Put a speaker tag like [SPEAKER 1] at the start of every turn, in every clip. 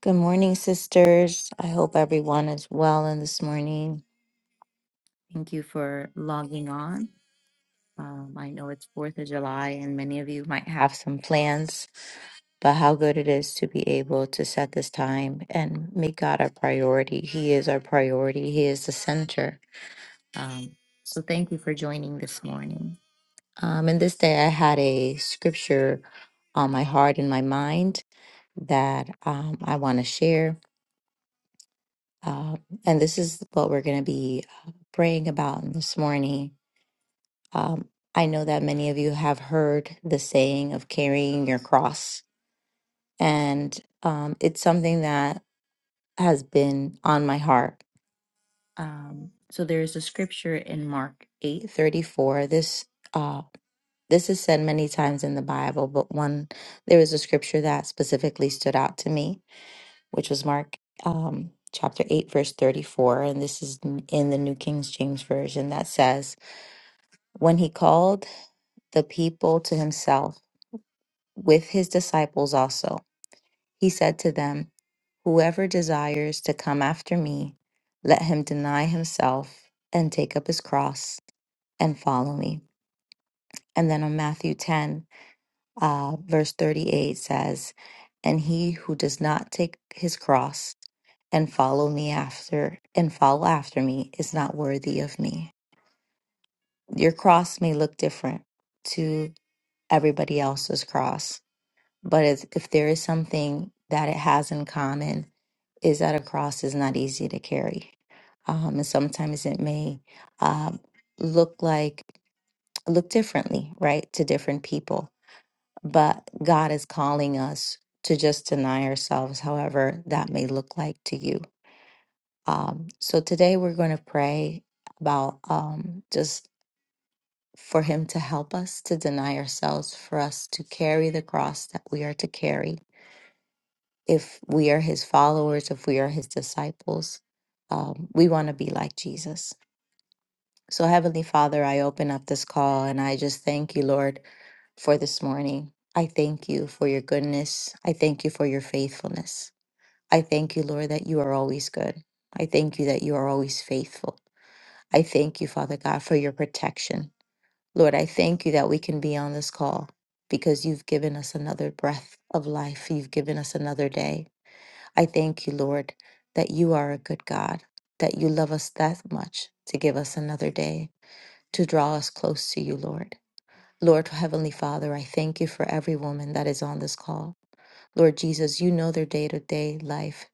[SPEAKER 1] Good morning, sisters. I hope everyone is well in this morning. Thank you for logging on. Um, I know it's 4th of July and many of you might have some plans, but how good it is to be able to set this time and make God our priority. He is our priority, He is the center. Um, so thank you for joining this morning. Um, and this day I had a scripture on my heart and my mind that um, I want to share. Um, and this is what we're going to be uh, praying about this morning. Um, I know that many of you have heard the saying of carrying your cross, and um, it's something that has been on my heart. Um, so there is a scripture in Mark eight thirty four. This uh, this is said many times in the Bible, but one there was a scripture that specifically stood out to me which was Mark um, chapter 8, verse 34. And this is n- in the New King James Version that says, When he called the people to himself with his disciples also, he said to them, 'Whoever desires to come after me, let him deny himself and take up his cross and follow me. And then on Matthew 10, Uh, verse 38 says, And he who does not take his cross and follow me after and follow after me is not worthy of me. Your cross may look different to everybody else's cross, but if, if there is something that it has in common, is that a cross is not easy to carry. Um, and sometimes it may um, look like, look differently, right, to different people but God is calling us to just deny ourselves, however that may look like to you. Um, so today we're going to pray about um, just for Him to help us to deny ourselves, for us to carry the cross that we are to carry. If we are His followers, if we are His disciples, um, we want to be like Jesus. So, Heavenly Father, I open up this call and I just thank you, Lord, for this morning. I thank you for your goodness. I thank you for your faithfulness. I thank you, Lord, that you are always good. I thank you that you are always faithful. I thank you, Father God, for your protection. Lord, I thank you that we can be on this call because you've given us another breath of life. You've given us another day. I thank you, Lord, that you are a good God, that you love us that much to give us another day to draw us close to you, Lord. Lord, Heavenly Father, I thank you for every woman that is on this call. Lord Jesus, you know their day to day life.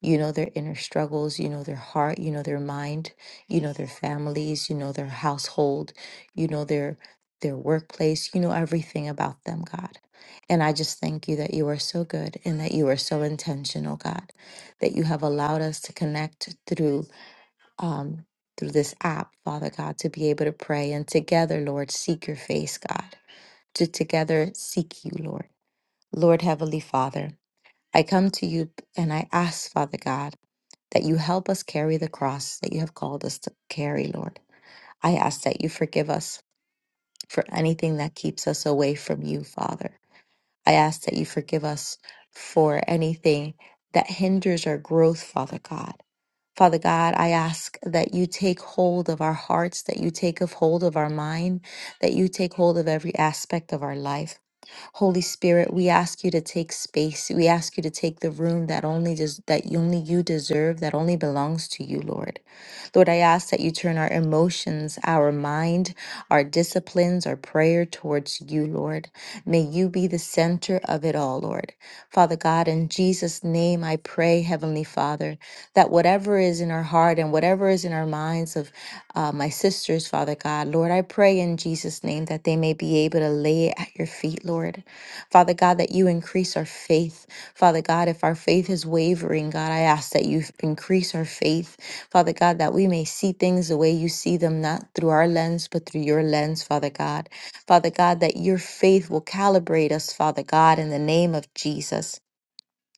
[SPEAKER 1] You know their inner struggles. You know their heart. You know their mind. You know their families. You know their household. You know their their workplace. You know everything about them, God. And I just thank you that you are so good and that you are so intentional, God, that you have allowed us to connect through um, through this app, Father God, to be able to pray and together, Lord, seek your face, God, to together seek you, Lord. Lord Heavenly Father, I come to you and I ask, Father God, that you help us carry the cross that you have called us to carry, Lord. I ask that you forgive us for anything that keeps us away from you, Father. I ask that you forgive us for anything that hinders our growth, Father God. Father God, I ask that you take hold of our hearts, that you take of hold of our mind, that you take hold of every aspect of our life. Holy Spirit, we ask you to take space. We ask you to take the room that only des- that only you deserve, that only belongs to you, Lord. Lord, I ask that you turn our emotions, our mind, our disciplines, our prayer towards you, Lord. May you be the center of it all, Lord. Father God, in Jesus' name I pray, Heavenly Father, that whatever is in our heart and whatever is in our minds of uh, my sisters, Father God, Lord, I pray in Jesus' name that they may be able to lay it at your feet, Lord. Father God, that you increase our faith. Father God, if our faith is wavering, God, I ask that you increase our faith. Father God, that we may see things the way you see them, not through our lens, but through your lens, Father God. Father God, that your faith will calibrate us, Father God, in the name of Jesus.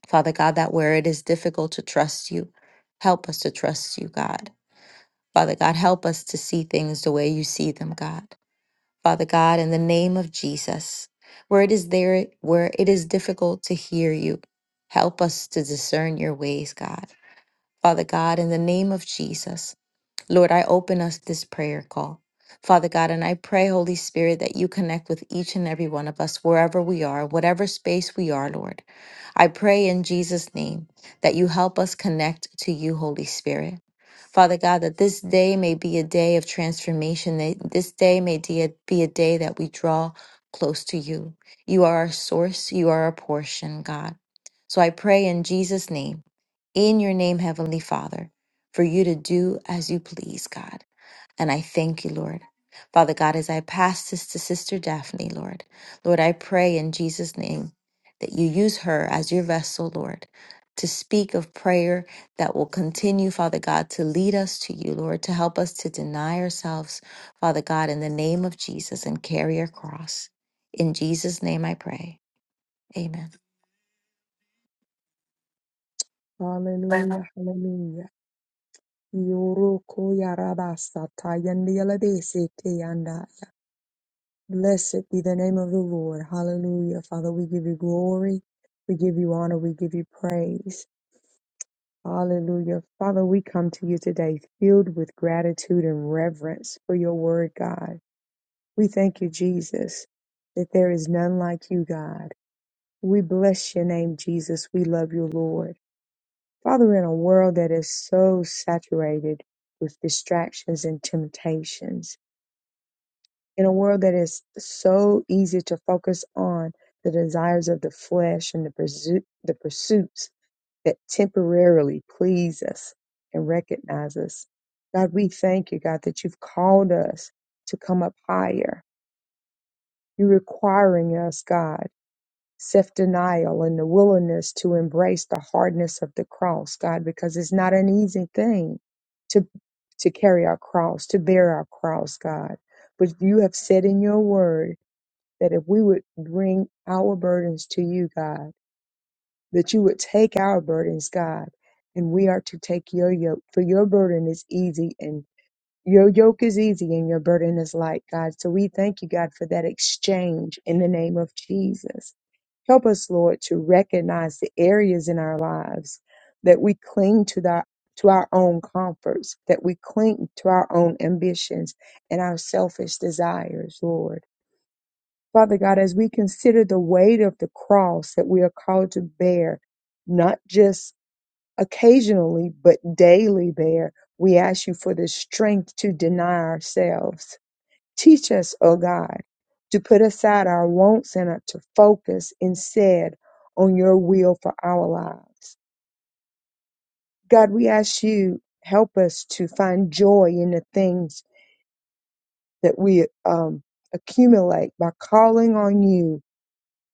[SPEAKER 1] Father God, that where it is difficult to trust you, help us to trust you, God. Father God, help us to see things the way you see them, God. Father God, in the name of Jesus, where it is there, where it is difficult to hear you, help us to discern your ways, God. Father God, in the name of Jesus, Lord, I open us this prayer call. Father God, and I pray, Holy Spirit, that you connect with each and every one of us wherever we are, whatever space we are, Lord. I pray in Jesus' name that you help us connect to you, Holy Spirit. Father God, that this day may be a day of transformation. That this day may be a, be a day that we draw close to you. You are our source. You are our portion, God. So I pray in Jesus' name, in your name, Heavenly Father, for you to do as you please, God. And I thank you, Lord. Father God, as I pass this to Sister Daphne, Lord, Lord, I pray in Jesus' name that you use her as your vessel, Lord, to speak of prayer that will continue, Father God, to lead us to you, Lord, to help us to deny ourselves, Father God, in the name of Jesus and carry your cross. In Jesus' name I pray. Amen.
[SPEAKER 2] Hallelujah, hallelujah. Yoroko yarabasa tayandialabese teyandaya. Blessed be the name of the Lord. Hallelujah. Father, we give you glory. We give you honor. We give you praise. Hallelujah. Father, we come to you today filled with gratitude and reverence for your word, God. We thank you, Jesus, that there is none like you, God. We bless your name, Jesus. We love you, Lord. Father, in a world that is so saturated with distractions and temptations, in a world that is so easy to focus on the desires of the flesh and the, pursu- the pursuits that temporarily please us and recognize us. God, we thank you, God, that you've called us to come up higher. You're requiring us, God self denial and the willingness to embrace the hardness of the cross, God, because it's not an easy thing to to carry our cross, to bear our cross, God. But you have said in your word that if we would bring our burdens to you, God, that you would take our burdens, God, and we are to take your yoke. For your burden is easy and your yoke is easy and your burden is light, God. So we thank you, God, for that exchange in the name of Jesus. Help us, Lord, to recognize the areas in our lives that we cling to the to our own comforts, that we cling to our own ambitions and our selfish desires, Lord. Father God, as we consider the weight of the cross that we are called to bear, not just occasionally, but daily bear, we ask you for the strength to deny ourselves Teach us, O God, to put aside our wants and to focus instead on your will for our lives. God, we ask you, help us to find joy in the things that we um, accumulate by calling on you.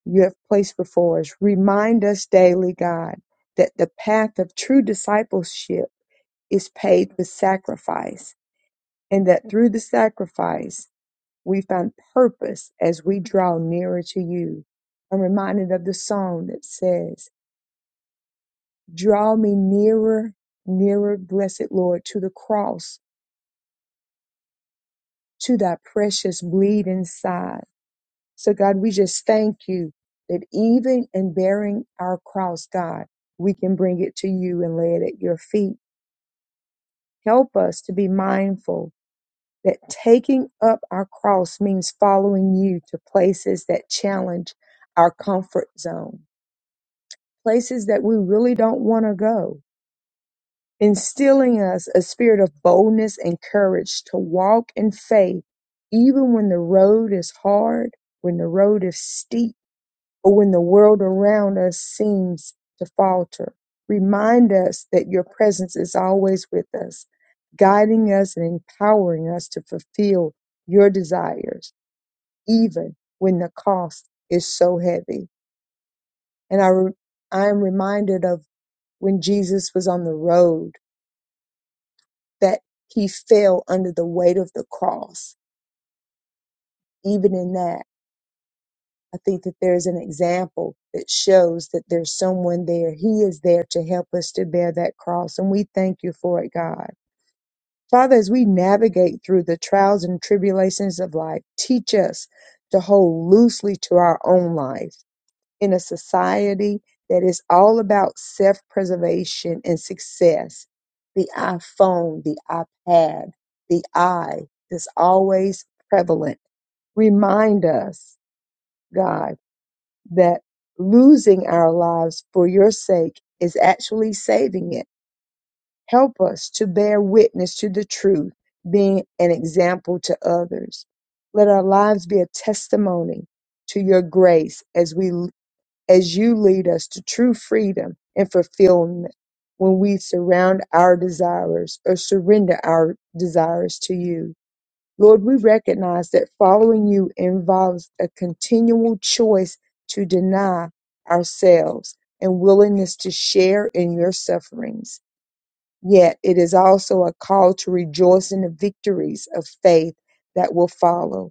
[SPEAKER 2] You have placed before us. Remind us daily, God, that the path of true discipleship is paved with sacrifice and that through the sacrifice We find purpose as we draw nearer to you. I'm reminded of the song that says, Draw me nearer, nearer, blessed Lord, to the cross, to thy precious bleeding side. So, God, we just thank you that even in bearing our cross, God, we can bring it to you and lay it at your feet. Help us to be mindful that taking up our cross means following you to places that challenge our comfort zone places that we really don't want to go, instilling us a spirit of boldness and courage to walk in faith, even when the road is hard, when the road is steep, or when the world around us seems to falter. Remind us that your presence is always with us, guiding us and empowering us to fulfill your desires, even when the cost is so heavy. And I, re- I am reminded of when Jesus was on the road, that he fell under the weight of the cross. Even in that, I think that there's an example that shows that there's someone there. He is there to help us to bear that cross. And we thank you for it, God. Father, as we navigate through the trials and tribulations of life, teach us to hold loosely to our own life in a society that is all about self preservation and success. The iPhone, the iPad, the I is always prevalent. Remind us, God, that losing our lives for your sake is actually saving it. Help us to bear witness to the truth, being an example to others. Let our lives be a testimony to your grace as we as you lead us to true freedom and fulfillment when we surround our desires or surrender our desires to you. Lord, we recognize that following you involves a continual choice to deny ourselves and willingness to share in your sufferings. Yet it is also a call to rejoice in the victories of faith that will follow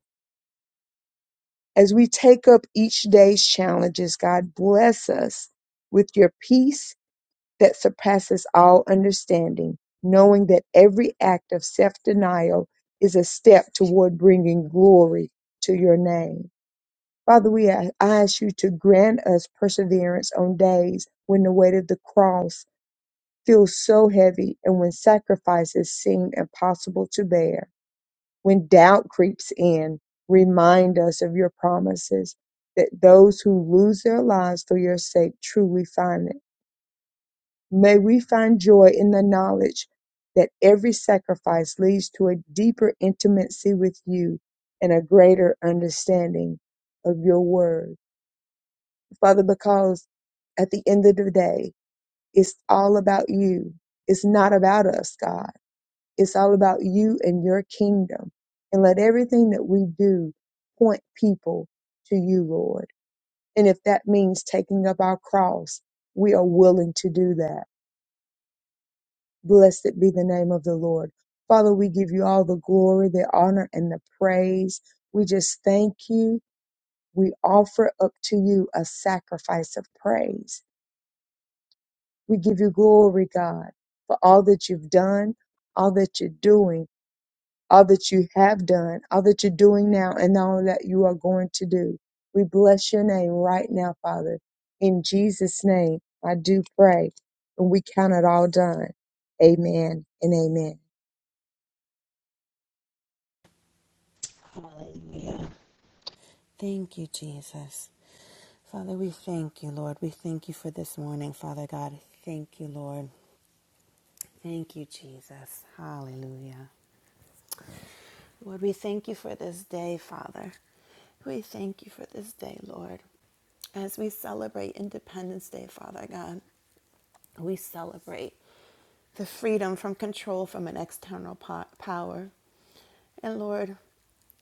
[SPEAKER 2] as we take up each day's challenges, God, bless us with your peace that surpasses all understanding, knowing that every act of self denial is a step toward bringing glory to your name. Father, we a- ask you to grant us perseverance on days when the weight of the cross feels so heavy and when sacrifices seem impossible to bear. When doubt creeps in, remind us of your promises that those who lose their lives for your sake truly find it. May we find joy in the knowledge that every sacrifice leads to a deeper intimacy with you and a greater understanding of your word. Father, because at the end of the day, it's all about you. It's not about us, God. It's all about you and your kingdom. And let everything that we do point people to you, Lord. And if that means taking up our cross, we are willing to do that. Blessed be the name of the Lord. Father, we give you all the glory, the honor, and the praise. We just thank you. We offer up to you a sacrifice of praise. We give you glory, God, for all that you've done, all that you're doing all that you have done, all that you're doing now, and all that you are going to do. We bless your name right now, Father. In Jesus' name, I do pray, and we count it all done. Amen and amen.
[SPEAKER 3] Hallelujah. Thank you, Jesus. Father, we thank you, Lord. We thank you for this morning, Father God. Thank you, Lord. Thank you, Jesus. Hallelujah. Lord, we thank you for this day, Father. We thank you for this day, Lord. As we celebrate Independence Day, Father God, we celebrate. the freedom from control from an external po- power. And Lord,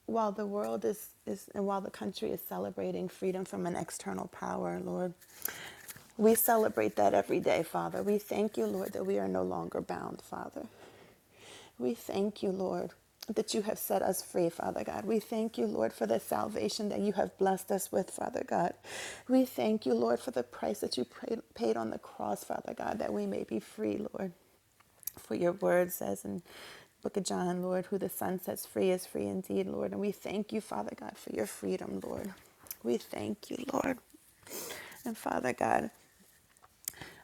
[SPEAKER 3] while the world is, is, and while the country is celebrating freedom from an external power, Lord, we celebrate that every day, Father. We thank you, Lord, that we are no longer bound, Father. We thank you, Lord, that you have set us free, Father God. We thank you, Lord, for the salvation that you have blessed us with, Father God. We thank you, Lord, for the price that you pra- paid on the cross, Father God, that we may be free, Lord. For your word says in the Book of John, Lord, who the Son sets free is free indeed, Lord. And we thank you, Father God, for your freedom, Lord. We thank you, Lord. And Father God,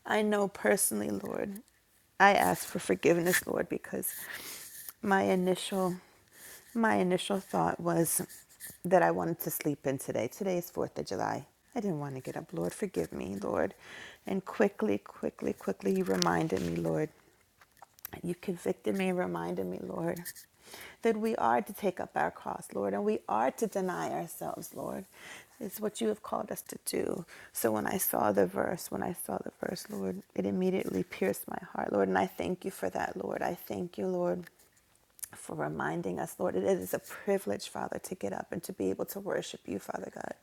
[SPEAKER 3] I know personally, Lord, I ask for forgiveness, Lord, because my initial my initial thought was that I wanted to sleep in today. Today is 4th of July. I didn't want to get up. Lord, forgive me, Lord. And quickly, quickly, quickly you reminded me, Lord. You've convicted me and reminded me, Lord, that we are to take up our cross, Lord, and we are to deny ourselves, Lord. It's what you have called us to do. So when I saw the verse, when I saw the verse, Lord, it immediately pierced my heart, Lord, and I thank you for that, Lord. I thank you, Lord for reminding us, Lord. It is a privilege, Father, to get up and to be able to worship you, Father God.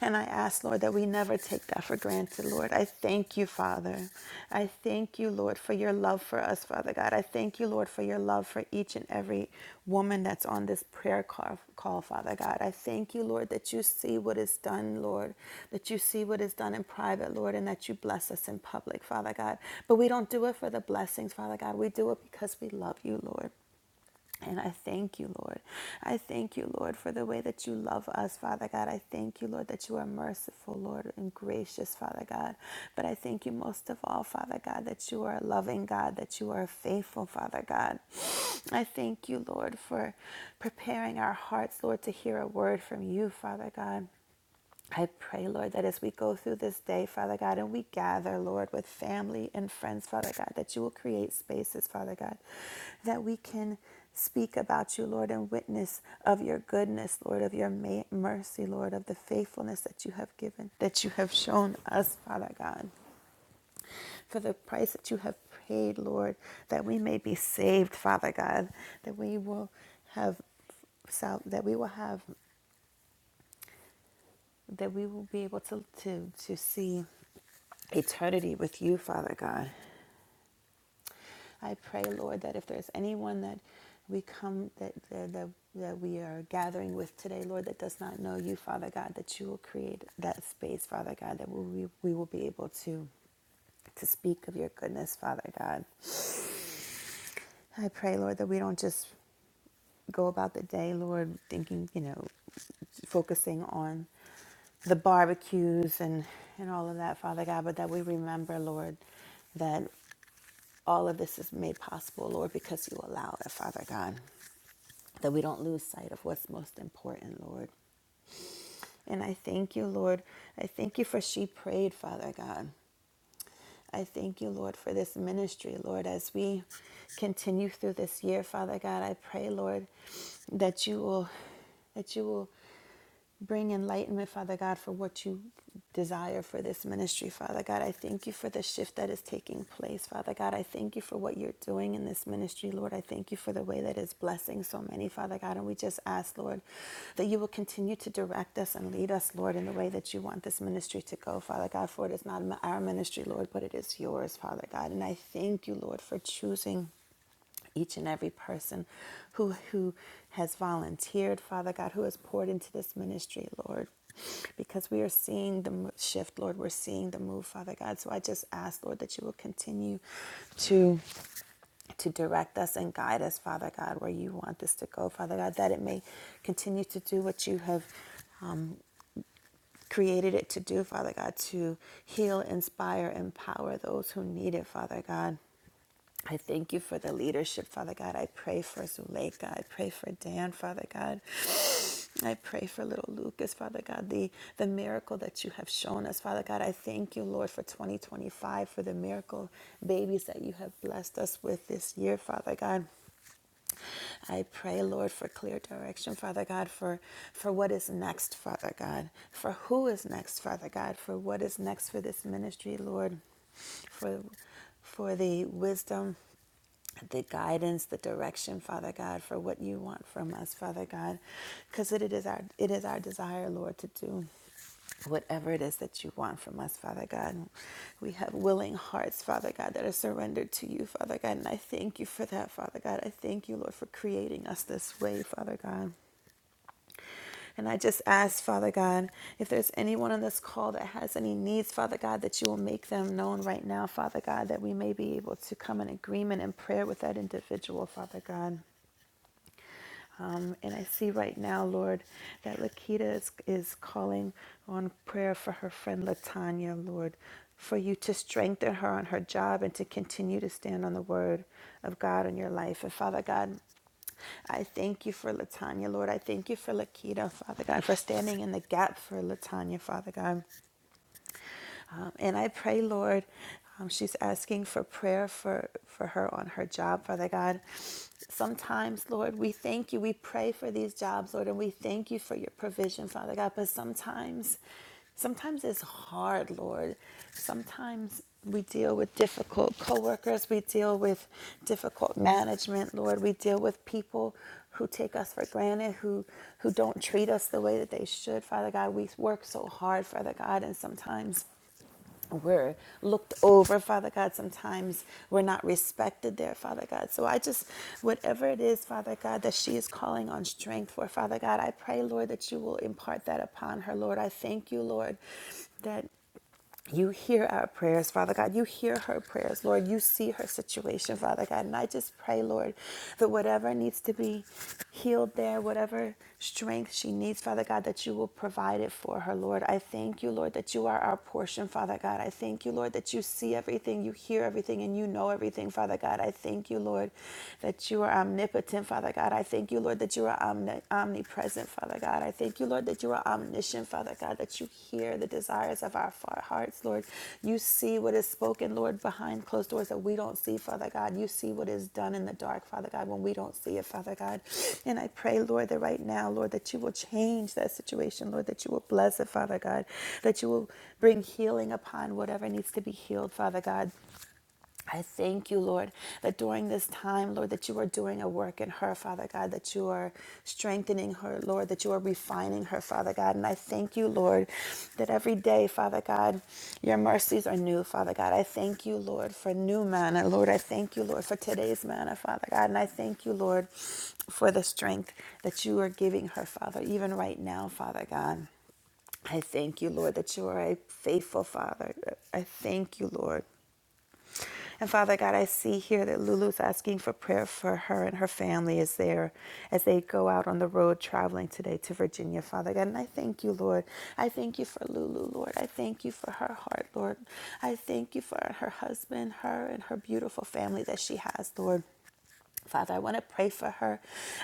[SPEAKER 3] And I ask, Lord, that we never take that for granted, Lord. I thank you, Father. I thank you, Lord, for your love for us, Father God. I thank you, Lord, for your love for each and every woman that's on this prayer call, call Father God. I thank you, Lord, that you see what is done, Lord, that you see what is done in private, Lord, and that you bless us in public, Father God. But we don't do it for the blessings, Father God. We do it because we love you, Lord. And I thank you, Lord. I thank you, Lord, for the way that you love us, Father God. I thank you, Lord, that you are merciful, Lord, and gracious, Father God. But I thank you most of all, Father God, that you are a loving God, that you are faithful, Father God. I thank you, Lord, for preparing our hearts, Lord, to hear a word from you, Father God. I pray, Lord, that as we go through this day, Father God, and we gather, Lord, with family and friends, Father God, that you will create spaces, Father God, that we can speak about you, Lord, and witness of your goodness, Lord, of your ma- mercy, Lord, of the faithfulness that you have given, that you have shown us, Father God, for the price that you have paid, Lord, that we may be saved, Father God, that we will have that we will have that we will be able to, to, to see eternity with you, Father God. I pray, Lord, that if there's anyone that we come that that, that we are gathering with today, Lord, that does not know you, Father God, that you will create that space, Father God, that we, we will be able to to speak of your goodness, Father God. I pray, Lord, that we don't just go about the day, Lord, thinking, you know, focusing on the barbecues and, and all of that, Father God, but that we remember, Lord, that all of this is made possible, Lord, because you allow it, Father God, that we don't lose sight of what's most important, Lord. And I thank you, Lord. I thank you for she prayed, Father God. I thank you, Lord, for this ministry, Lord, as we continue through this year, Father God. I pray, Lord, that you will that you will bring enlightenment, Father God, for what you desire for this ministry, Father God. I thank you for the shift that is taking place, Father God. God, I thank you for what you're doing in this ministry, Lord. I thank you for the way that is blessing so many, Father God. And we just ask, Lord, that you will continue to direct us and lead us, Lord, in the way that you want this ministry to go, Father God. For it is not our ministry, Lord, but it is yours, Father God. And I thank you, Lord, for choosing each and every person who who has volunteered, Father God, who has poured into this ministry, Lord. Because we are seeing the shift, Lord, we're seeing the move, Father God. So I just ask, Lord, that you will continue to to direct us and guide us, Father God, where you want this to go, Father God, that it may continue to do what you have created it to do, Father God, to heal, inspire, empower those who need it, Father God. I thank you for the leadership, Father God. I pray for Zuleika. I pray for Dan, Father God. I pray for little Lucas, Father God, the, the miracle that you have shown us, Father God. I thank you, Lord, for 2025, for the miracle babies that you have blessed us with this year, Father God. I pray, Lord, for clear direction, Father God, for, for what is next, Father God, for who is next, Father God, for what is next for this ministry, Lord, for, for the wisdom the guidance, the direction, Father God, for what you want from us, Father God, because it is our it is our desire, Lord, to do whatever it is that you want from us, Father God. We have willing hearts, Father God, that are surrendered to you, Father God. And I thank you for that, Father God. I thank you, Lord, for creating us this way, Father God. And I just ask, Father God, if there's anyone on this call that has any needs, Father God, that you will make them known right now, Father God, that we may be able to come in agreement and prayer with that individual, Father God. Um, and I see right now, Lord, that Lakita is, is calling on prayer for her friend Latanya, Lord, for you to strengthen her on her job and to continue to stand on the word of God in your life. And Father God, I thank you for Latanya, Lord. I thank you for Lakita, Father God, for standing in the gap for Latanya, Father God. Um, and I pray, Lord, um, she's asking for prayer for, for her on her job, Father God. Sometimes, Lord, we thank you. We pray for these jobs, Lord, and we thank you for your provision, Father God. But sometimes, sometimes it's hard, Lord. Sometimes we deal with difficult coworkers, we deal with difficult management, Lord. We deal with people who take us for granted, who who don't treat us the way that they should, Father God. We work so hard, Father God, and sometimes we're looked over, Father God. Sometimes we're not respected there, Father God. So I just, whatever it is, Father God, that she is calling on strength for, Father God, I pray, Lord, that you will impart that upon her, Lord. I thank you, Lord, that. You hear our prayers, Father God. You hear her prayers, Lord. You see her situation, Father God. And I just pray, Lord, that whatever needs to be healed there, whatever strength she needs, Father God, that you will provide it for her, Lord. I thank you, Lord, that you are our portion, Father God. I thank you, Lord, that you see everything, you hear everything, and you know everything, Father God. I thank you, Lord, that you are omnipotent, Father God. I thank you, Lord, that you are omni- omnipresent, Father God. I thank you, Lord, that you are omniscient, Father God, that you hear the desires of our hearts, Lord. You see what is spoken, Lord, behind closed doors that we don't see, Father God. You see what is done in the dark, Father God, when we don't see it, Father God. And I pray, Lord, that right now, Lord, that you will change that situation, Lord, that you will bless it, Father God, that you will bring healing upon whatever needs to be healed, Father God. I thank you, Lord, that during this time, Lord, that you are doing a work in her, Father God, that you are strengthening her, Lord, that you are refining her, Father God. And I thank you, Lord, that every day, Father God, your mercies are new, Father God. I thank you, Lord, for new manna, Lord. I thank you, Lord, for today's manna, Father God. And I thank you, Lord, for the strength that you are giving her, Father, even right now, Father God. I thank you, Lord, that you are a faithful Father. I thank you, Lord. And Father God, I see here that Lulu's asking for prayer for her and her family as they as they go out on the road traveling today to Virginia, Father God. And I thank you, Lord. I thank you for Lulu, Lord. I thank you for her heart, Lord. I thank you for her husband, her and her beautiful family that she has, Lord. Father, I want to pray for her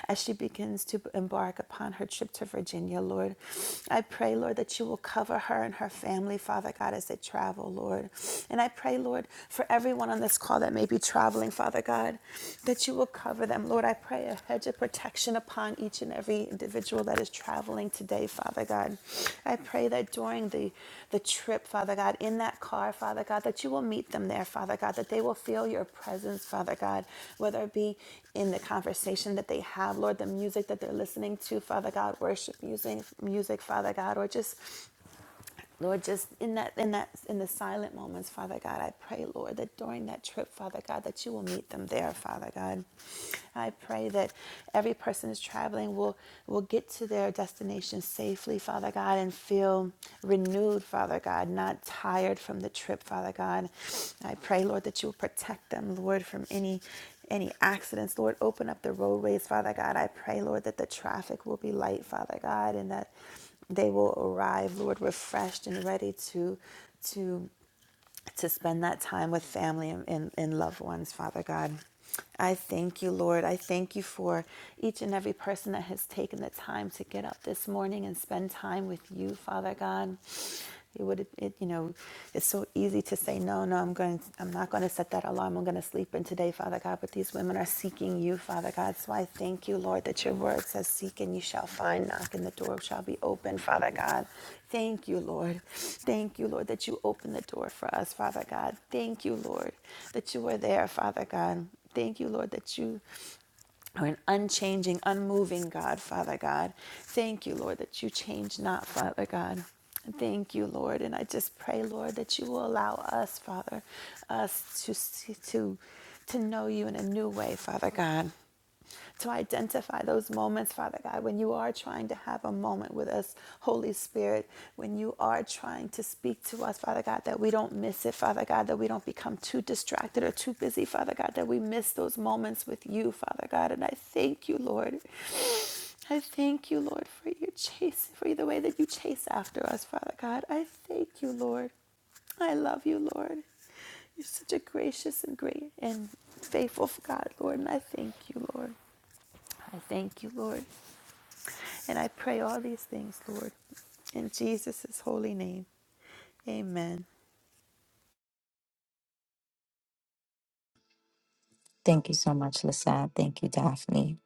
[SPEAKER 3] as she begins to embark upon her trip to Virginia, Lord. I pray, Lord, that you will cover her and her family, Father God, as they travel, Lord. And I pray, Lord, for everyone on this call that may be traveling, Father God, that you will cover them, Lord. I pray a hedge of protection upon each and every every individual that is traveling today, Father God. I pray that during the, the trip, Father God, in that car, Father God, that you will meet them there, Father God, that they will feel your presence, Father God, whether it be in the conversation that they have, Lord, the music that they're listening to, Father God, worship music, music, Father God, or just Lord, just in that in that in the silent moments, Father God, I pray, Lord, that during that trip, Father God, that you will meet them there, Father God. I pray that every person who's traveling will will get to their destination safely, Father God, and feel renewed, Father God, not tired from the trip, Father God. I pray, Lord, that you will protect them, Lord, from any any accidents, Lord, open up the roadways, Father God. I pray, Lord, that the traffic will be light, Father God, and that they will arrive, Lord, refreshed and ready to to to spend that time with family and, and, and loved ones, Father God. I thank you, Lord. I thank you for each and every person that has taken the time to get up this morning and spend time with you, Father God. It would, it, you know, it's so easy to say no, no. I'm going. I'm not going to set that alarm. I'm going to sleep in today, Father God. But these women are seeking you, Father God. So I thank you, Lord, that your word says, Seek and you shall find, knock and the door shall be open, Father God. Thank you, Lord. Thank you, Lord, that you open the door for us, Father God. Thank you, Lord, that you are there, Father God. Thank you, Lord, that you or an unchanging, unmoving God, Father God. Thank you, Lord, that you change not, Father God. Thank you, Lord. And I just pray, Lord, that you will allow us, Father, us to see, to to know you in a new way, Father God to identify those moments, Father God, when you are trying to have a moment with us, Holy Spirit, when you are trying to speak to us, Father God, that we don't miss it, Father God, that we don't become too distracted or too busy, Father God, that we miss those moments with you, Father God. And I thank you, Lord. I thank you, Lord, for your chase, for the way that you chase after us, Father God. I thank you, Lord. I love you, Lord. You're such a gracious and great and faithful God, Lord, and I thank you, Lord. I thank you, Lord, and I pray all these things, Lord, in Jesus' holy name. Amen.
[SPEAKER 1] Thank you so much, Lissette. Thank you, Daphne.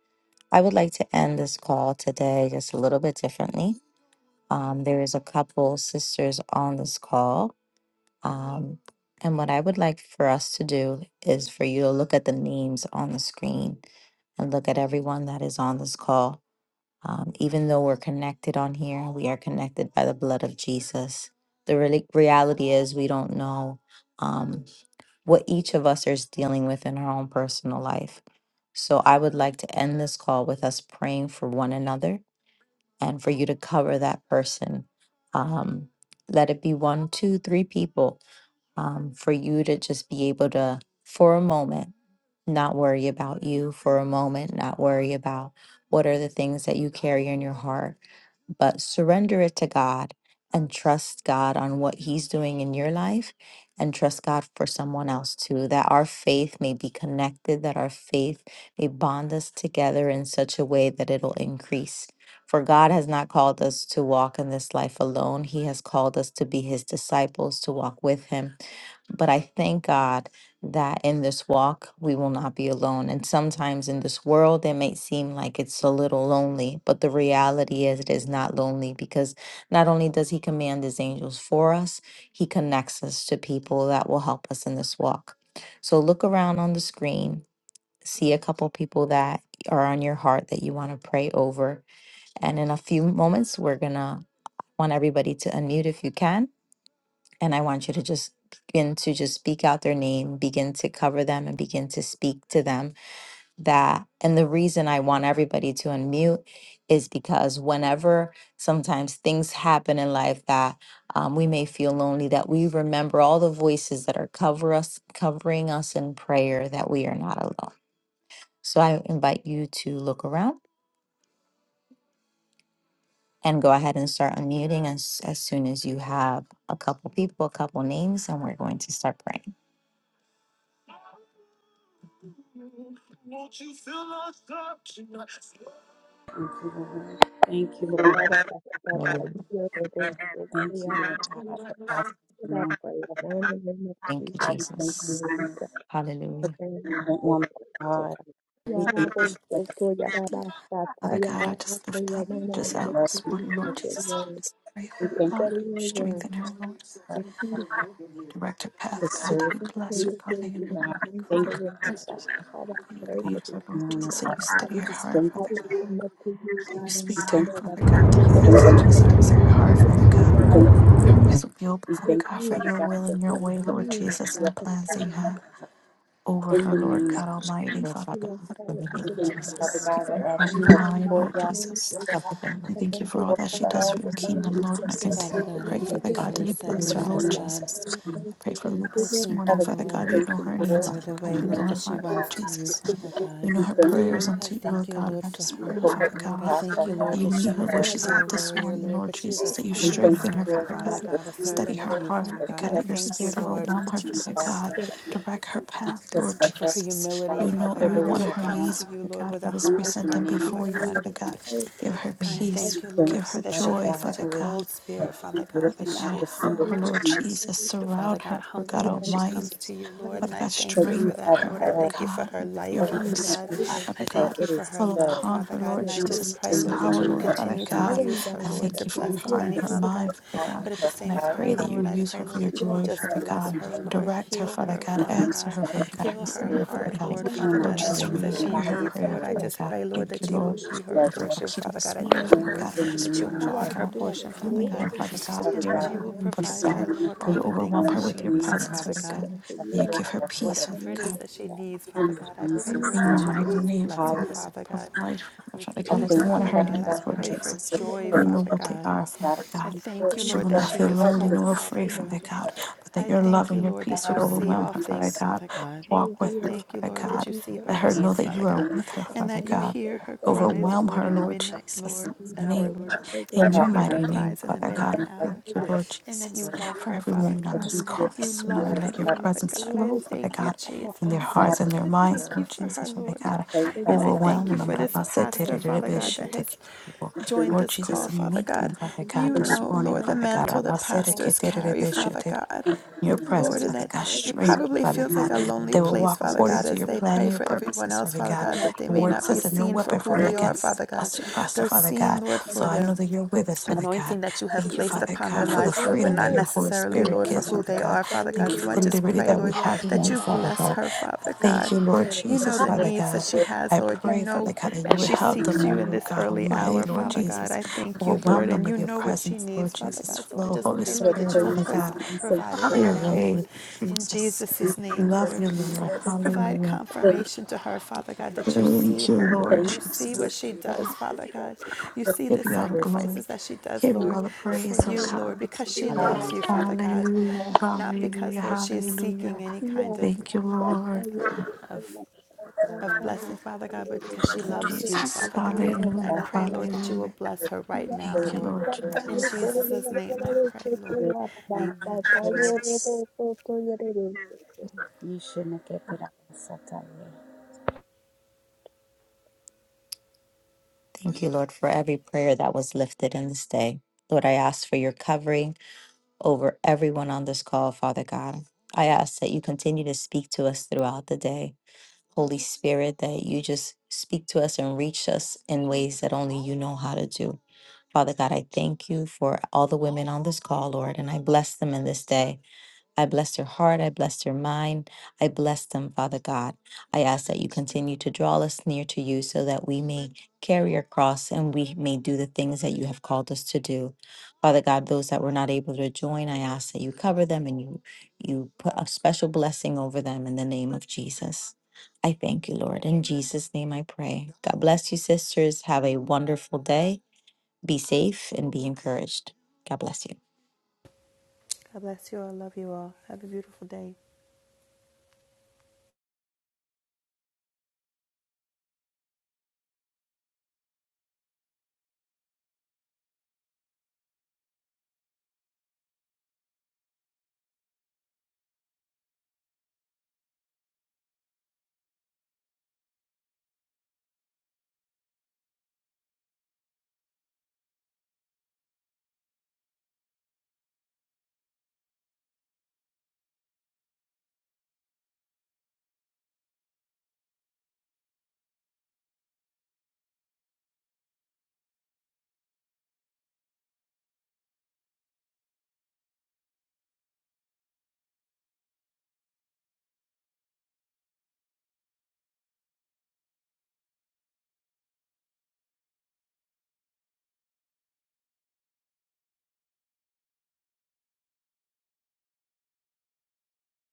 [SPEAKER 1] I would like to end this call today just a little bit differently. Um, there is a couple sisters on this call. Um, and what I would like for us to do is for you to look at the names on the screen and look at everyone that is on this call. Um, even though we're connected on here, we are connected by the blood of Jesus. The really reality is, we don't know um, what each of us is dealing with in our own personal life. So I would like to end this call with us praying for one another and for you to cover that person. Um, let it be one, two, three people um, for you to just be able to, for a moment, not worry about you for a moment, not worry about what are the things that you carry in your heart, but surrender it to God and trust God on what He's doing in your life and trust God for someone else too. That our faith may be connected, that our faith may bond us together in such a way that it'll increase. For God has not called us to walk in this life alone, He has called us to be His disciples, to walk with Him. But I thank God that in this walk we will not be alone. And sometimes in this world, it may seem like it's a little lonely, but the reality is it is not lonely because not only does He command His angels for us, He connects us to people that will help us in this walk. So look around on the screen, see a couple people that are on your heart that you want to pray over. And in a few moments, we're going to want everybody to unmute if you can and I want you to just begin to just speak out their name, begin to cover them and begin to speak to them. That, and the reason I want everybody to unmute is because whenever sometimes things happen in life that um, we may feel lonely, that we remember all the voices that are cover us, covering us in prayer, that we are not alone. So I invite you to look around and go ahead and start unmuting as, as soon as you have a couple people, a couple names, and we're going to start praying.
[SPEAKER 4] Thank you, Lord. Thank you, Lord.
[SPEAKER 1] Hallelujah.
[SPEAKER 4] Thank you, Lord God, for Pastor
[SPEAKER 2] I
[SPEAKER 4] Joanne.
[SPEAKER 2] pray, now in the name of
[SPEAKER 1] Thank you,
[SPEAKER 2] Jesus,
[SPEAKER 4] God, we thank you
[SPEAKER 1] Jesus.
[SPEAKER 2] amen.
[SPEAKER 4] for the
[SPEAKER 1] Hallelujah.
[SPEAKER 2] Amen.
[SPEAKER 4] servant woman, of God. We thank you
[SPEAKER 2] Yarabo
[SPEAKER 4] for that.
[SPEAKER 2] Soko Yaraba Sata
[SPEAKER 5] Father God, I
[SPEAKER 2] Yaraba,
[SPEAKER 5] just lift up
[SPEAKER 2] right now in the name
[SPEAKER 5] Giselle
[SPEAKER 2] of
[SPEAKER 5] this
[SPEAKER 2] Jesus,
[SPEAKER 5] morning, Lord
[SPEAKER 2] thank you,
[SPEAKER 5] Jesus. and I
[SPEAKER 2] Lord.
[SPEAKER 5] just pray,
[SPEAKER 4] We
[SPEAKER 2] You're
[SPEAKER 5] oh
[SPEAKER 4] thank
[SPEAKER 5] God,
[SPEAKER 4] you
[SPEAKER 5] that
[SPEAKER 2] setting
[SPEAKER 5] you
[SPEAKER 2] your word.
[SPEAKER 5] strengthen her, Lord.
[SPEAKER 4] for
[SPEAKER 2] This is
[SPEAKER 5] Direct her
[SPEAKER 4] the
[SPEAKER 5] path,
[SPEAKER 2] this
[SPEAKER 5] God, that
[SPEAKER 4] servant,
[SPEAKER 5] you
[SPEAKER 2] is how
[SPEAKER 5] bless
[SPEAKER 4] people,
[SPEAKER 5] her,
[SPEAKER 2] you're
[SPEAKER 5] God,
[SPEAKER 2] going
[SPEAKER 5] and her
[SPEAKER 2] to
[SPEAKER 4] God.
[SPEAKER 5] going,
[SPEAKER 2] the it
[SPEAKER 4] Thank
[SPEAKER 5] Father
[SPEAKER 4] you
[SPEAKER 2] again to
[SPEAKER 5] God.
[SPEAKER 2] find the Father.
[SPEAKER 5] That
[SPEAKER 4] for
[SPEAKER 5] you
[SPEAKER 2] Pray for
[SPEAKER 5] lead
[SPEAKER 4] Pastor
[SPEAKER 5] her,
[SPEAKER 2] these
[SPEAKER 5] Lord
[SPEAKER 4] Joanne,
[SPEAKER 5] Jesus, that you
[SPEAKER 4] Father
[SPEAKER 2] teammates.
[SPEAKER 4] God.
[SPEAKER 5] study
[SPEAKER 4] We
[SPEAKER 5] her
[SPEAKER 4] just
[SPEAKER 5] heart,
[SPEAKER 4] thank
[SPEAKER 2] I
[SPEAKER 4] you.
[SPEAKER 5] Father
[SPEAKER 2] lift
[SPEAKER 5] God.
[SPEAKER 2] them up to you,
[SPEAKER 5] That you
[SPEAKER 2] God,
[SPEAKER 5] speak
[SPEAKER 2] and
[SPEAKER 4] We
[SPEAKER 2] I
[SPEAKER 5] to
[SPEAKER 4] thank
[SPEAKER 5] her,
[SPEAKER 2] pray
[SPEAKER 4] you.
[SPEAKER 2] that
[SPEAKER 5] Father
[SPEAKER 2] the
[SPEAKER 5] God, that
[SPEAKER 2] people
[SPEAKER 5] you
[SPEAKER 2] that are
[SPEAKER 5] answer
[SPEAKER 2] not
[SPEAKER 5] the
[SPEAKER 2] you
[SPEAKER 5] desires
[SPEAKER 2] can
[SPEAKER 5] of her heart, Father
[SPEAKER 2] hear
[SPEAKER 5] God.
[SPEAKER 2] what
[SPEAKER 5] That
[SPEAKER 2] you,
[SPEAKER 5] her eyes will be open,
[SPEAKER 4] We
[SPEAKER 5] Father
[SPEAKER 2] what
[SPEAKER 4] thank you,
[SPEAKER 5] God, for
[SPEAKER 2] you,
[SPEAKER 4] Father
[SPEAKER 5] your
[SPEAKER 4] God,
[SPEAKER 5] will
[SPEAKER 4] for
[SPEAKER 5] and your
[SPEAKER 2] what
[SPEAKER 5] way,
[SPEAKER 4] the
[SPEAKER 5] Lord
[SPEAKER 2] you,
[SPEAKER 5] Jesus, and the
[SPEAKER 4] prayer,
[SPEAKER 2] are
[SPEAKER 5] plans that
[SPEAKER 4] Father
[SPEAKER 5] you
[SPEAKER 4] God.
[SPEAKER 5] have over
[SPEAKER 4] in
[SPEAKER 5] her,
[SPEAKER 4] the
[SPEAKER 5] Lord
[SPEAKER 4] name of
[SPEAKER 5] God
[SPEAKER 4] Jesus.
[SPEAKER 5] Almighty,
[SPEAKER 1] Lord
[SPEAKER 5] Father God.
[SPEAKER 1] Father, in the
[SPEAKER 4] We
[SPEAKER 1] name of
[SPEAKER 4] thank you,
[SPEAKER 5] I
[SPEAKER 4] Father
[SPEAKER 1] Jesus,
[SPEAKER 5] Thank you
[SPEAKER 4] God,
[SPEAKER 5] for
[SPEAKER 4] that
[SPEAKER 5] her heart
[SPEAKER 4] as you
[SPEAKER 5] and her
[SPEAKER 4] have
[SPEAKER 5] mind,
[SPEAKER 4] poured
[SPEAKER 5] Lord
[SPEAKER 4] out,
[SPEAKER 2] saying
[SPEAKER 5] Jesus.
[SPEAKER 4] Father
[SPEAKER 1] help
[SPEAKER 4] God,
[SPEAKER 1] them,
[SPEAKER 5] I
[SPEAKER 1] Lord.
[SPEAKER 5] thank you for all
[SPEAKER 4] pour
[SPEAKER 5] that
[SPEAKER 1] Help
[SPEAKER 5] she
[SPEAKER 1] them,
[SPEAKER 5] does
[SPEAKER 4] all
[SPEAKER 5] for your
[SPEAKER 4] the
[SPEAKER 1] Lord.
[SPEAKER 5] kingdom,
[SPEAKER 4] into
[SPEAKER 5] Lord. And I
[SPEAKER 1] Jesus.
[SPEAKER 3] Father
[SPEAKER 5] continue
[SPEAKER 4] her
[SPEAKER 5] to
[SPEAKER 3] God, I
[SPEAKER 5] pray,
[SPEAKER 3] thank
[SPEAKER 5] Father
[SPEAKER 3] you for
[SPEAKER 5] God,
[SPEAKER 1] Father,
[SPEAKER 5] that you
[SPEAKER 3] Lisette,
[SPEAKER 4] in
[SPEAKER 1] you
[SPEAKER 5] bless
[SPEAKER 4] the
[SPEAKER 5] her, Lord
[SPEAKER 1] rise
[SPEAKER 3] Father
[SPEAKER 4] name
[SPEAKER 3] God.
[SPEAKER 4] of
[SPEAKER 5] Jesus.
[SPEAKER 4] Jesus.
[SPEAKER 1] and
[SPEAKER 5] I pray for Luke
[SPEAKER 3] I
[SPEAKER 1] us
[SPEAKER 5] this
[SPEAKER 3] thank
[SPEAKER 5] morning,
[SPEAKER 3] you,
[SPEAKER 4] Father God,
[SPEAKER 5] Father
[SPEAKER 4] we
[SPEAKER 5] God.
[SPEAKER 3] Lord,
[SPEAKER 5] You
[SPEAKER 4] thank
[SPEAKER 5] know
[SPEAKER 4] you
[SPEAKER 5] her
[SPEAKER 4] for
[SPEAKER 5] needs,
[SPEAKER 4] this
[SPEAKER 3] for
[SPEAKER 1] from
[SPEAKER 5] Father
[SPEAKER 3] the
[SPEAKER 5] God.
[SPEAKER 4] and
[SPEAKER 3] way,
[SPEAKER 4] we
[SPEAKER 5] You know
[SPEAKER 3] Lord,
[SPEAKER 4] thank you
[SPEAKER 5] her
[SPEAKER 3] that she
[SPEAKER 5] heart, Lord
[SPEAKER 3] runs to you,
[SPEAKER 5] Jesus.
[SPEAKER 3] Father
[SPEAKER 5] You
[SPEAKER 3] God.
[SPEAKER 5] know her
[SPEAKER 4] for
[SPEAKER 5] prayers
[SPEAKER 3] I
[SPEAKER 5] unto you, Lord
[SPEAKER 3] thank you,
[SPEAKER 5] God.
[SPEAKER 3] Lord,
[SPEAKER 5] And I
[SPEAKER 3] for
[SPEAKER 5] just
[SPEAKER 3] her
[SPEAKER 5] pray,
[SPEAKER 4] that.
[SPEAKER 3] heart,
[SPEAKER 5] Father
[SPEAKER 3] Lord. I
[SPEAKER 5] God,
[SPEAKER 3] thank you,
[SPEAKER 1] the
[SPEAKER 5] that
[SPEAKER 3] Lord,
[SPEAKER 5] you
[SPEAKER 3] that
[SPEAKER 1] cross,
[SPEAKER 5] meet
[SPEAKER 3] she
[SPEAKER 5] her
[SPEAKER 3] is
[SPEAKER 5] where
[SPEAKER 1] Lord.
[SPEAKER 3] a
[SPEAKER 5] she's
[SPEAKER 3] prayer
[SPEAKER 5] at this
[SPEAKER 3] warrior,
[SPEAKER 5] morning,
[SPEAKER 3] Lord,
[SPEAKER 5] Lord
[SPEAKER 3] but she is
[SPEAKER 5] Jesus.
[SPEAKER 3] a-
[SPEAKER 5] That you
[SPEAKER 4] We
[SPEAKER 1] in
[SPEAKER 3] also
[SPEAKER 1] the
[SPEAKER 3] a
[SPEAKER 4] thank you
[SPEAKER 5] strengthen
[SPEAKER 1] name
[SPEAKER 5] her,
[SPEAKER 4] for
[SPEAKER 3] servant,
[SPEAKER 4] what
[SPEAKER 5] Father
[SPEAKER 4] you
[SPEAKER 3] Father
[SPEAKER 5] God.
[SPEAKER 4] have for her. For her. We thank you for that, for
[SPEAKER 3] God, a
[SPEAKER 4] teaching
[SPEAKER 5] Steady
[SPEAKER 3] servant of
[SPEAKER 5] her
[SPEAKER 4] her,
[SPEAKER 3] you,
[SPEAKER 5] heart,
[SPEAKER 3] Father
[SPEAKER 4] that
[SPEAKER 5] Father
[SPEAKER 4] she
[SPEAKER 3] God.
[SPEAKER 5] God.
[SPEAKER 1] of
[SPEAKER 3] I
[SPEAKER 4] has
[SPEAKER 5] Let your
[SPEAKER 3] thank
[SPEAKER 4] come
[SPEAKER 3] you,
[SPEAKER 1] Jesus,
[SPEAKER 5] spirit
[SPEAKER 1] in the
[SPEAKER 4] to
[SPEAKER 3] Lord,
[SPEAKER 1] name
[SPEAKER 5] overwhelm
[SPEAKER 1] of
[SPEAKER 5] her,
[SPEAKER 4] you,
[SPEAKER 5] Father
[SPEAKER 4] Father
[SPEAKER 1] Jesus.
[SPEAKER 5] God.
[SPEAKER 4] God,
[SPEAKER 5] Direct her
[SPEAKER 4] not
[SPEAKER 5] path,
[SPEAKER 4] just
[SPEAKER 5] Lord
[SPEAKER 4] for
[SPEAKER 3] for
[SPEAKER 4] her,
[SPEAKER 3] her
[SPEAKER 5] Jesus.
[SPEAKER 3] humility,
[SPEAKER 5] You know
[SPEAKER 4] but
[SPEAKER 3] Father
[SPEAKER 4] for
[SPEAKER 5] every
[SPEAKER 3] God, that
[SPEAKER 5] one
[SPEAKER 4] those
[SPEAKER 5] of
[SPEAKER 3] she
[SPEAKER 5] her
[SPEAKER 3] comes
[SPEAKER 4] around her.
[SPEAKER 5] needs,
[SPEAKER 3] to you,
[SPEAKER 5] Father
[SPEAKER 3] Lord,
[SPEAKER 5] God.
[SPEAKER 3] with
[SPEAKER 5] I
[SPEAKER 3] a
[SPEAKER 5] just
[SPEAKER 3] humble
[SPEAKER 4] In
[SPEAKER 5] present
[SPEAKER 4] the
[SPEAKER 5] them
[SPEAKER 3] heart,
[SPEAKER 4] name
[SPEAKER 3] Father
[SPEAKER 5] before you,
[SPEAKER 4] of
[SPEAKER 3] God.
[SPEAKER 5] Father God.
[SPEAKER 4] Jesus,
[SPEAKER 5] Give her
[SPEAKER 3] I
[SPEAKER 1] In
[SPEAKER 4] we
[SPEAKER 5] peace.
[SPEAKER 3] thank you,
[SPEAKER 4] thank you,
[SPEAKER 3] Lord,
[SPEAKER 5] Give her
[SPEAKER 3] for that she
[SPEAKER 4] Father
[SPEAKER 5] joy,
[SPEAKER 3] has
[SPEAKER 4] God,
[SPEAKER 3] such a
[SPEAKER 5] Father
[SPEAKER 4] Lord,
[SPEAKER 5] God.
[SPEAKER 3] bold
[SPEAKER 4] that
[SPEAKER 3] spirit,
[SPEAKER 4] you
[SPEAKER 3] Father God,
[SPEAKER 5] Father
[SPEAKER 3] but
[SPEAKER 4] bring at
[SPEAKER 3] she
[SPEAKER 5] God,
[SPEAKER 4] the
[SPEAKER 3] is
[SPEAKER 5] help
[SPEAKER 4] feet of
[SPEAKER 3] so
[SPEAKER 5] her, Lord
[SPEAKER 4] Jesus,
[SPEAKER 5] Jesus.
[SPEAKER 3] Father
[SPEAKER 5] Surround her,
[SPEAKER 3] God,
[SPEAKER 5] Lord God
[SPEAKER 3] humble when she
[SPEAKER 5] Almighty.
[SPEAKER 3] comes to you, Lord.
[SPEAKER 5] Father
[SPEAKER 3] And I
[SPEAKER 5] God,
[SPEAKER 3] thank
[SPEAKER 4] that
[SPEAKER 3] you
[SPEAKER 4] you
[SPEAKER 5] strengthen
[SPEAKER 3] for that,
[SPEAKER 4] have
[SPEAKER 5] her,
[SPEAKER 3] Lord. I
[SPEAKER 5] Father
[SPEAKER 4] all,
[SPEAKER 3] thank you for
[SPEAKER 5] God.
[SPEAKER 3] her light,
[SPEAKER 5] Your
[SPEAKER 1] the
[SPEAKER 5] Holy
[SPEAKER 3] Father
[SPEAKER 4] everything
[SPEAKER 1] name
[SPEAKER 4] that
[SPEAKER 3] God.
[SPEAKER 4] you
[SPEAKER 5] Spirit,
[SPEAKER 4] have
[SPEAKER 5] Father
[SPEAKER 3] I
[SPEAKER 4] for her.
[SPEAKER 5] God,
[SPEAKER 3] thank you
[SPEAKER 4] It
[SPEAKER 3] for
[SPEAKER 4] is
[SPEAKER 3] her
[SPEAKER 5] fall
[SPEAKER 3] love,
[SPEAKER 4] so.
[SPEAKER 5] upon
[SPEAKER 3] Father
[SPEAKER 5] her,
[SPEAKER 3] God.
[SPEAKER 5] Lord
[SPEAKER 3] And I
[SPEAKER 4] In
[SPEAKER 3] just
[SPEAKER 5] Jesus,
[SPEAKER 4] Jesus'
[SPEAKER 5] at
[SPEAKER 3] pray,
[SPEAKER 5] this
[SPEAKER 3] Lord, that
[SPEAKER 5] hour,
[SPEAKER 3] you will
[SPEAKER 4] name,
[SPEAKER 5] Lord Father
[SPEAKER 3] continue to
[SPEAKER 5] God.
[SPEAKER 3] use her,
[SPEAKER 1] of
[SPEAKER 5] I
[SPEAKER 1] God,
[SPEAKER 3] Lord,
[SPEAKER 1] in
[SPEAKER 5] thank
[SPEAKER 3] to
[SPEAKER 5] you for her
[SPEAKER 3] bless so
[SPEAKER 5] heart and
[SPEAKER 3] many,
[SPEAKER 5] her
[SPEAKER 3] Father God.
[SPEAKER 5] mind, Father God.
[SPEAKER 3] But at the
[SPEAKER 5] And I
[SPEAKER 3] same
[SPEAKER 5] pray
[SPEAKER 3] time,
[SPEAKER 5] that you
[SPEAKER 3] Lord, I
[SPEAKER 5] use
[SPEAKER 3] pray,
[SPEAKER 5] her for
[SPEAKER 3] Lord,
[SPEAKER 5] your
[SPEAKER 3] that you will
[SPEAKER 5] glory, Father
[SPEAKER 3] just bless
[SPEAKER 5] God.
[SPEAKER 3] her, Lord.
[SPEAKER 5] Direct her,
[SPEAKER 3] Heal
[SPEAKER 5] Father
[SPEAKER 3] her,
[SPEAKER 5] God.
[SPEAKER 3] Father
[SPEAKER 5] Answer
[SPEAKER 3] God.
[SPEAKER 5] her, Father God, her
[SPEAKER 3] Heal her
[SPEAKER 5] prayer, Father
[SPEAKER 3] heart,
[SPEAKER 5] God.
[SPEAKER 3] Lord, Father
[SPEAKER 5] Lord
[SPEAKER 3] God. The
[SPEAKER 5] Jesus, for
[SPEAKER 3] things that
[SPEAKER 5] you
[SPEAKER 3] she
[SPEAKER 5] hear her
[SPEAKER 3] needs,
[SPEAKER 5] prayer,
[SPEAKER 3] Lord, I
[SPEAKER 5] Father
[SPEAKER 3] just
[SPEAKER 5] God.
[SPEAKER 3] pray,
[SPEAKER 5] I
[SPEAKER 3] Lord,
[SPEAKER 5] thank you,
[SPEAKER 3] that you will
[SPEAKER 5] Lord.
[SPEAKER 3] be her
[SPEAKER 5] I lift up
[SPEAKER 3] portion,
[SPEAKER 5] Akita
[SPEAKER 3] Father God.
[SPEAKER 5] this
[SPEAKER 3] I
[SPEAKER 5] morning,
[SPEAKER 3] thank you,
[SPEAKER 5] Father
[SPEAKER 3] Lord,
[SPEAKER 5] God, and I just
[SPEAKER 3] that you
[SPEAKER 5] pray,
[SPEAKER 3] are
[SPEAKER 5] Father
[SPEAKER 3] her
[SPEAKER 5] God.
[SPEAKER 3] portion,
[SPEAKER 5] that You
[SPEAKER 3] Father
[SPEAKER 5] meet
[SPEAKER 3] God
[SPEAKER 5] her, Father God,
[SPEAKER 3] and
[SPEAKER 5] there in
[SPEAKER 3] that you
[SPEAKER 5] her
[SPEAKER 3] will
[SPEAKER 5] home, Father
[SPEAKER 3] provide her,
[SPEAKER 5] God.
[SPEAKER 3] Lord,
[SPEAKER 5] that
[SPEAKER 3] all
[SPEAKER 5] You
[SPEAKER 3] the things
[SPEAKER 5] overwhelm
[SPEAKER 3] that
[SPEAKER 5] her with
[SPEAKER 3] she
[SPEAKER 5] your
[SPEAKER 3] needs,
[SPEAKER 5] presence,
[SPEAKER 3] Father
[SPEAKER 5] Father
[SPEAKER 3] God.
[SPEAKER 5] God. You give her peace, Father
[SPEAKER 3] Whatever it is
[SPEAKER 5] God.
[SPEAKER 3] that she needs, Father God, I pray, Lord,
[SPEAKER 5] In your
[SPEAKER 3] that you will
[SPEAKER 5] mighty
[SPEAKER 3] just
[SPEAKER 5] name,
[SPEAKER 3] bless
[SPEAKER 5] Father
[SPEAKER 3] her,
[SPEAKER 5] God.
[SPEAKER 4] Father,
[SPEAKER 3] Father God,
[SPEAKER 5] Provide for her, Father
[SPEAKER 3] with
[SPEAKER 4] I
[SPEAKER 5] God,
[SPEAKER 4] thank
[SPEAKER 3] peace,
[SPEAKER 5] every one
[SPEAKER 4] you,
[SPEAKER 5] of
[SPEAKER 3] Father
[SPEAKER 5] her
[SPEAKER 4] Father
[SPEAKER 3] God. I
[SPEAKER 5] needs,
[SPEAKER 4] God,
[SPEAKER 5] Lord
[SPEAKER 4] for
[SPEAKER 3] pray for
[SPEAKER 4] your
[SPEAKER 5] Jesus.
[SPEAKER 4] goodness,
[SPEAKER 3] joy,
[SPEAKER 5] You
[SPEAKER 4] for
[SPEAKER 5] know
[SPEAKER 3] Father
[SPEAKER 5] what they
[SPEAKER 3] God.
[SPEAKER 5] are,
[SPEAKER 4] your
[SPEAKER 5] Father
[SPEAKER 4] God,
[SPEAKER 3] I
[SPEAKER 5] God.
[SPEAKER 3] thank
[SPEAKER 4] Lord, for
[SPEAKER 5] That
[SPEAKER 3] you,
[SPEAKER 5] she
[SPEAKER 3] Lord,
[SPEAKER 5] will
[SPEAKER 3] that
[SPEAKER 5] not
[SPEAKER 3] she
[SPEAKER 5] feel
[SPEAKER 4] your
[SPEAKER 3] is
[SPEAKER 4] help
[SPEAKER 5] lonely
[SPEAKER 3] whole,
[SPEAKER 5] nor
[SPEAKER 4] this
[SPEAKER 3] Father
[SPEAKER 5] afraid, Father
[SPEAKER 3] God.
[SPEAKER 5] God. But that
[SPEAKER 3] I
[SPEAKER 5] your love
[SPEAKER 3] thank
[SPEAKER 5] and
[SPEAKER 3] you,
[SPEAKER 5] your
[SPEAKER 3] Lord,
[SPEAKER 5] peace
[SPEAKER 3] that
[SPEAKER 5] would
[SPEAKER 3] you
[SPEAKER 1] the name
[SPEAKER 3] see
[SPEAKER 5] overwhelm
[SPEAKER 3] all
[SPEAKER 5] her, Father
[SPEAKER 3] things,
[SPEAKER 5] God.
[SPEAKER 3] Father God.
[SPEAKER 5] Walk
[SPEAKER 3] I
[SPEAKER 5] with her,
[SPEAKER 3] thank you,
[SPEAKER 5] Father
[SPEAKER 3] Lord, that
[SPEAKER 5] God.
[SPEAKER 3] you see her
[SPEAKER 5] Let her know
[SPEAKER 3] needs,
[SPEAKER 5] that you
[SPEAKER 3] Father
[SPEAKER 5] are
[SPEAKER 3] God,
[SPEAKER 5] with her,
[SPEAKER 3] and
[SPEAKER 5] Father
[SPEAKER 3] that you
[SPEAKER 5] God.
[SPEAKER 3] hear her cries,
[SPEAKER 5] Overwhelm
[SPEAKER 3] for it
[SPEAKER 5] her,
[SPEAKER 3] in the
[SPEAKER 5] Lord
[SPEAKER 3] midnight,
[SPEAKER 5] Jesus,
[SPEAKER 3] Lord,
[SPEAKER 5] in the
[SPEAKER 3] hour,
[SPEAKER 5] name,
[SPEAKER 3] Lord,
[SPEAKER 5] in
[SPEAKER 3] that
[SPEAKER 5] your
[SPEAKER 3] you hear her
[SPEAKER 5] mighty name,
[SPEAKER 3] cries in the
[SPEAKER 5] Father God.
[SPEAKER 3] midnight
[SPEAKER 5] I
[SPEAKER 3] hour
[SPEAKER 5] thank you, Lord
[SPEAKER 3] and that
[SPEAKER 5] Jesus,
[SPEAKER 3] you love
[SPEAKER 5] for
[SPEAKER 3] her,
[SPEAKER 5] every
[SPEAKER 3] Father
[SPEAKER 5] woman on
[SPEAKER 3] God.
[SPEAKER 5] this call
[SPEAKER 3] You
[SPEAKER 5] this
[SPEAKER 3] love
[SPEAKER 5] morning.
[SPEAKER 3] her,
[SPEAKER 5] Let your
[SPEAKER 3] Father
[SPEAKER 5] presence
[SPEAKER 3] God. I
[SPEAKER 5] flow, Father
[SPEAKER 3] thank you,
[SPEAKER 5] God, in their
[SPEAKER 3] Jesus.
[SPEAKER 5] hearts and their
[SPEAKER 3] I
[SPEAKER 5] minds,
[SPEAKER 3] thank you
[SPEAKER 5] Lord
[SPEAKER 3] for her,
[SPEAKER 5] Jesus, Father
[SPEAKER 3] Lord.
[SPEAKER 5] God.
[SPEAKER 3] And I thank
[SPEAKER 5] Overwhelm
[SPEAKER 3] you
[SPEAKER 5] them,
[SPEAKER 3] for this
[SPEAKER 5] Rabase,
[SPEAKER 3] pastor, Father God,
[SPEAKER 5] Tererebeshe,
[SPEAKER 3] that has
[SPEAKER 5] Tekitabo.
[SPEAKER 3] joined
[SPEAKER 5] Lord
[SPEAKER 3] this
[SPEAKER 5] Jesus,
[SPEAKER 3] call, Father
[SPEAKER 5] meet them,
[SPEAKER 3] God.
[SPEAKER 5] Father God,
[SPEAKER 3] You
[SPEAKER 5] this
[SPEAKER 3] know,
[SPEAKER 5] morning,
[SPEAKER 3] Lord, the
[SPEAKER 5] Father God.
[SPEAKER 3] mantle
[SPEAKER 1] of
[SPEAKER 3] that
[SPEAKER 5] Rabase,
[SPEAKER 3] pastors carry,
[SPEAKER 5] Reketerebeshe,
[SPEAKER 3] Father
[SPEAKER 5] Tererebeshe
[SPEAKER 3] God.
[SPEAKER 5] in your
[SPEAKER 3] Lord,
[SPEAKER 5] presence,
[SPEAKER 1] Jesus.
[SPEAKER 3] and
[SPEAKER 5] Father
[SPEAKER 3] that
[SPEAKER 5] God.
[SPEAKER 3] it
[SPEAKER 5] Strength,
[SPEAKER 3] probably
[SPEAKER 5] Father
[SPEAKER 1] In the
[SPEAKER 3] feels
[SPEAKER 1] name
[SPEAKER 3] like
[SPEAKER 5] God.
[SPEAKER 3] a
[SPEAKER 1] of God, in
[SPEAKER 5] that
[SPEAKER 3] lonely
[SPEAKER 1] the
[SPEAKER 5] They
[SPEAKER 1] name
[SPEAKER 5] will
[SPEAKER 1] of
[SPEAKER 3] place,
[SPEAKER 5] walk
[SPEAKER 3] Father
[SPEAKER 5] according
[SPEAKER 3] God,
[SPEAKER 1] Jesus.
[SPEAKER 5] to
[SPEAKER 3] as
[SPEAKER 5] your
[SPEAKER 3] they
[SPEAKER 5] plan and
[SPEAKER 3] pray
[SPEAKER 5] your
[SPEAKER 3] for everyone
[SPEAKER 5] purposes,
[SPEAKER 3] else,
[SPEAKER 5] Father
[SPEAKER 3] Father
[SPEAKER 5] God.
[SPEAKER 1] Amen.
[SPEAKER 3] God, that they
[SPEAKER 5] Your
[SPEAKER 3] may
[SPEAKER 5] word
[SPEAKER 3] not be
[SPEAKER 5] says that no
[SPEAKER 3] seen for
[SPEAKER 5] weapon
[SPEAKER 3] who
[SPEAKER 5] formed
[SPEAKER 3] they are,
[SPEAKER 5] against
[SPEAKER 3] Father God.
[SPEAKER 5] us to prosper,
[SPEAKER 3] They're
[SPEAKER 5] Father
[SPEAKER 3] seen,
[SPEAKER 5] God.
[SPEAKER 3] Lord,
[SPEAKER 5] So
[SPEAKER 3] for
[SPEAKER 5] I know
[SPEAKER 3] them
[SPEAKER 5] that you're with us, Father God.
[SPEAKER 3] anointing that you have
[SPEAKER 5] Thank you,
[SPEAKER 3] placed
[SPEAKER 5] Father
[SPEAKER 3] upon their
[SPEAKER 5] God, for the
[SPEAKER 3] lives, Lord, but
[SPEAKER 5] freedom that
[SPEAKER 3] not
[SPEAKER 5] your Holy
[SPEAKER 3] necessarily,
[SPEAKER 5] Spirit
[SPEAKER 3] Lord, for
[SPEAKER 5] gives,
[SPEAKER 3] who
[SPEAKER 5] Father
[SPEAKER 3] they
[SPEAKER 5] God.
[SPEAKER 3] are, Father God.
[SPEAKER 5] Thank you
[SPEAKER 3] So I
[SPEAKER 5] for the
[SPEAKER 3] just
[SPEAKER 5] liberty
[SPEAKER 3] pray,
[SPEAKER 5] that we
[SPEAKER 3] Lord,
[SPEAKER 5] have in
[SPEAKER 3] that
[SPEAKER 5] you,
[SPEAKER 3] you
[SPEAKER 5] Father
[SPEAKER 3] bless
[SPEAKER 5] God.
[SPEAKER 3] her, Father
[SPEAKER 5] Thank
[SPEAKER 3] God.
[SPEAKER 5] you, Lord
[SPEAKER 3] You know
[SPEAKER 5] Jesus,
[SPEAKER 3] the
[SPEAKER 5] Father
[SPEAKER 3] needs that
[SPEAKER 5] God.
[SPEAKER 3] she has,
[SPEAKER 5] I
[SPEAKER 3] Lord. You
[SPEAKER 5] pray, Father
[SPEAKER 3] know
[SPEAKER 5] God, that you
[SPEAKER 3] as
[SPEAKER 5] would
[SPEAKER 3] she
[SPEAKER 5] help
[SPEAKER 3] seeks you
[SPEAKER 5] them,
[SPEAKER 3] in
[SPEAKER 5] Lord
[SPEAKER 3] this
[SPEAKER 5] God
[SPEAKER 3] early
[SPEAKER 5] Almighty,
[SPEAKER 3] hour,
[SPEAKER 5] Lord
[SPEAKER 3] Father God.
[SPEAKER 5] Jesus.
[SPEAKER 3] I thank you,
[SPEAKER 5] Overwhelm
[SPEAKER 3] Lord,
[SPEAKER 5] them
[SPEAKER 3] and you
[SPEAKER 5] with your
[SPEAKER 3] know what she
[SPEAKER 5] presence,
[SPEAKER 3] needs,
[SPEAKER 5] Lord
[SPEAKER 3] Father
[SPEAKER 5] Jesus.
[SPEAKER 3] God. So I
[SPEAKER 5] Flow,
[SPEAKER 3] just
[SPEAKER 5] Holy
[SPEAKER 3] pray, Lord, that
[SPEAKER 5] Spirit,
[SPEAKER 3] you will
[SPEAKER 5] Father God.
[SPEAKER 3] preside, provide it right now, Lord.
[SPEAKER 5] Hallelujah,
[SPEAKER 3] In
[SPEAKER 5] Jesus.
[SPEAKER 3] Jesus'
[SPEAKER 5] We
[SPEAKER 3] name,
[SPEAKER 5] love
[SPEAKER 3] Lord.
[SPEAKER 5] you, Lord.
[SPEAKER 3] Provide
[SPEAKER 5] Hallelujah.
[SPEAKER 3] confirmation to her, Father God, that you see
[SPEAKER 5] Thank you,
[SPEAKER 3] her,
[SPEAKER 5] Lord
[SPEAKER 3] Lord. You see what
[SPEAKER 5] Jesus.
[SPEAKER 3] she does, Father God. You see the
[SPEAKER 5] Give you all the glory.
[SPEAKER 3] sacrifices that she does,
[SPEAKER 5] Give you all
[SPEAKER 3] Lord,
[SPEAKER 5] the
[SPEAKER 3] for
[SPEAKER 5] praise, oh
[SPEAKER 3] you, Lord,
[SPEAKER 5] God.
[SPEAKER 3] because she loves you, Father God.
[SPEAKER 5] Hallelujah.
[SPEAKER 3] Not
[SPEAKER 5] Hallelujah.
[SPEAKER 3] because, Lord, she is
[SPEAKER 5] Hallelujah.
[SPEAKER 3] seeking any kind of,
[SPEAKER 5] Thank you, Lord.
[SPEAKER 3] of, of blessings, Father God, but because she
[SPEAKER 5] Thank you,
[SPEAKER 3] loves you,
[SPEAKER 5] Jesus.
[SPEAKER 3] Father God. I
[SPEAKER 5] Hallelujah.
[SPEAKER 3] pray, Lord, that you will
[SPEAKER 5] Hallelujah.
[SPEAKER 3] bless her right now,
[SPEAKER 5] Thank you,
[SPEAKER 3] Lord.
[SPEAKER 5] Lord
[SPEAKER 3] In
[SPEAKER 5] Jesus.
[SPEAKER 3] Jesus' name I pray, Lord. Amen.
[SPEAKER 5] Jesus.
[SPEAKER 4] Yeshenekepera basataye.
[SPEAKER 1] Thank you, Lord, for every prayer that was lifted in this day. Lord, I ask for your covering. over everyone on this call, Father God. I ask that you continue to speak to us throughout the day. Holy Spirit, that you just speak to us and reach us in ways that only you know how to do. Father God, I thank you for all the women on this call, Lord, and I bless them in this day. I bless their heart. I bless their mind. I bless them, Father God. I ask that you continue to draw us near to you so that we may carry our cross and we may do the things that you have called us to do. Father God, those that were not able to join, I ask that you cover them and you you put a special blessing over them in the name of Jesus. I thank you, Lord. In Jesus' name I pray. God bless you, sisters. Have a wonderful day. Be safe and be encouraged. God bless you.
[SPEAKER 3] God bless you all. I Love you all. Have a beautiful day.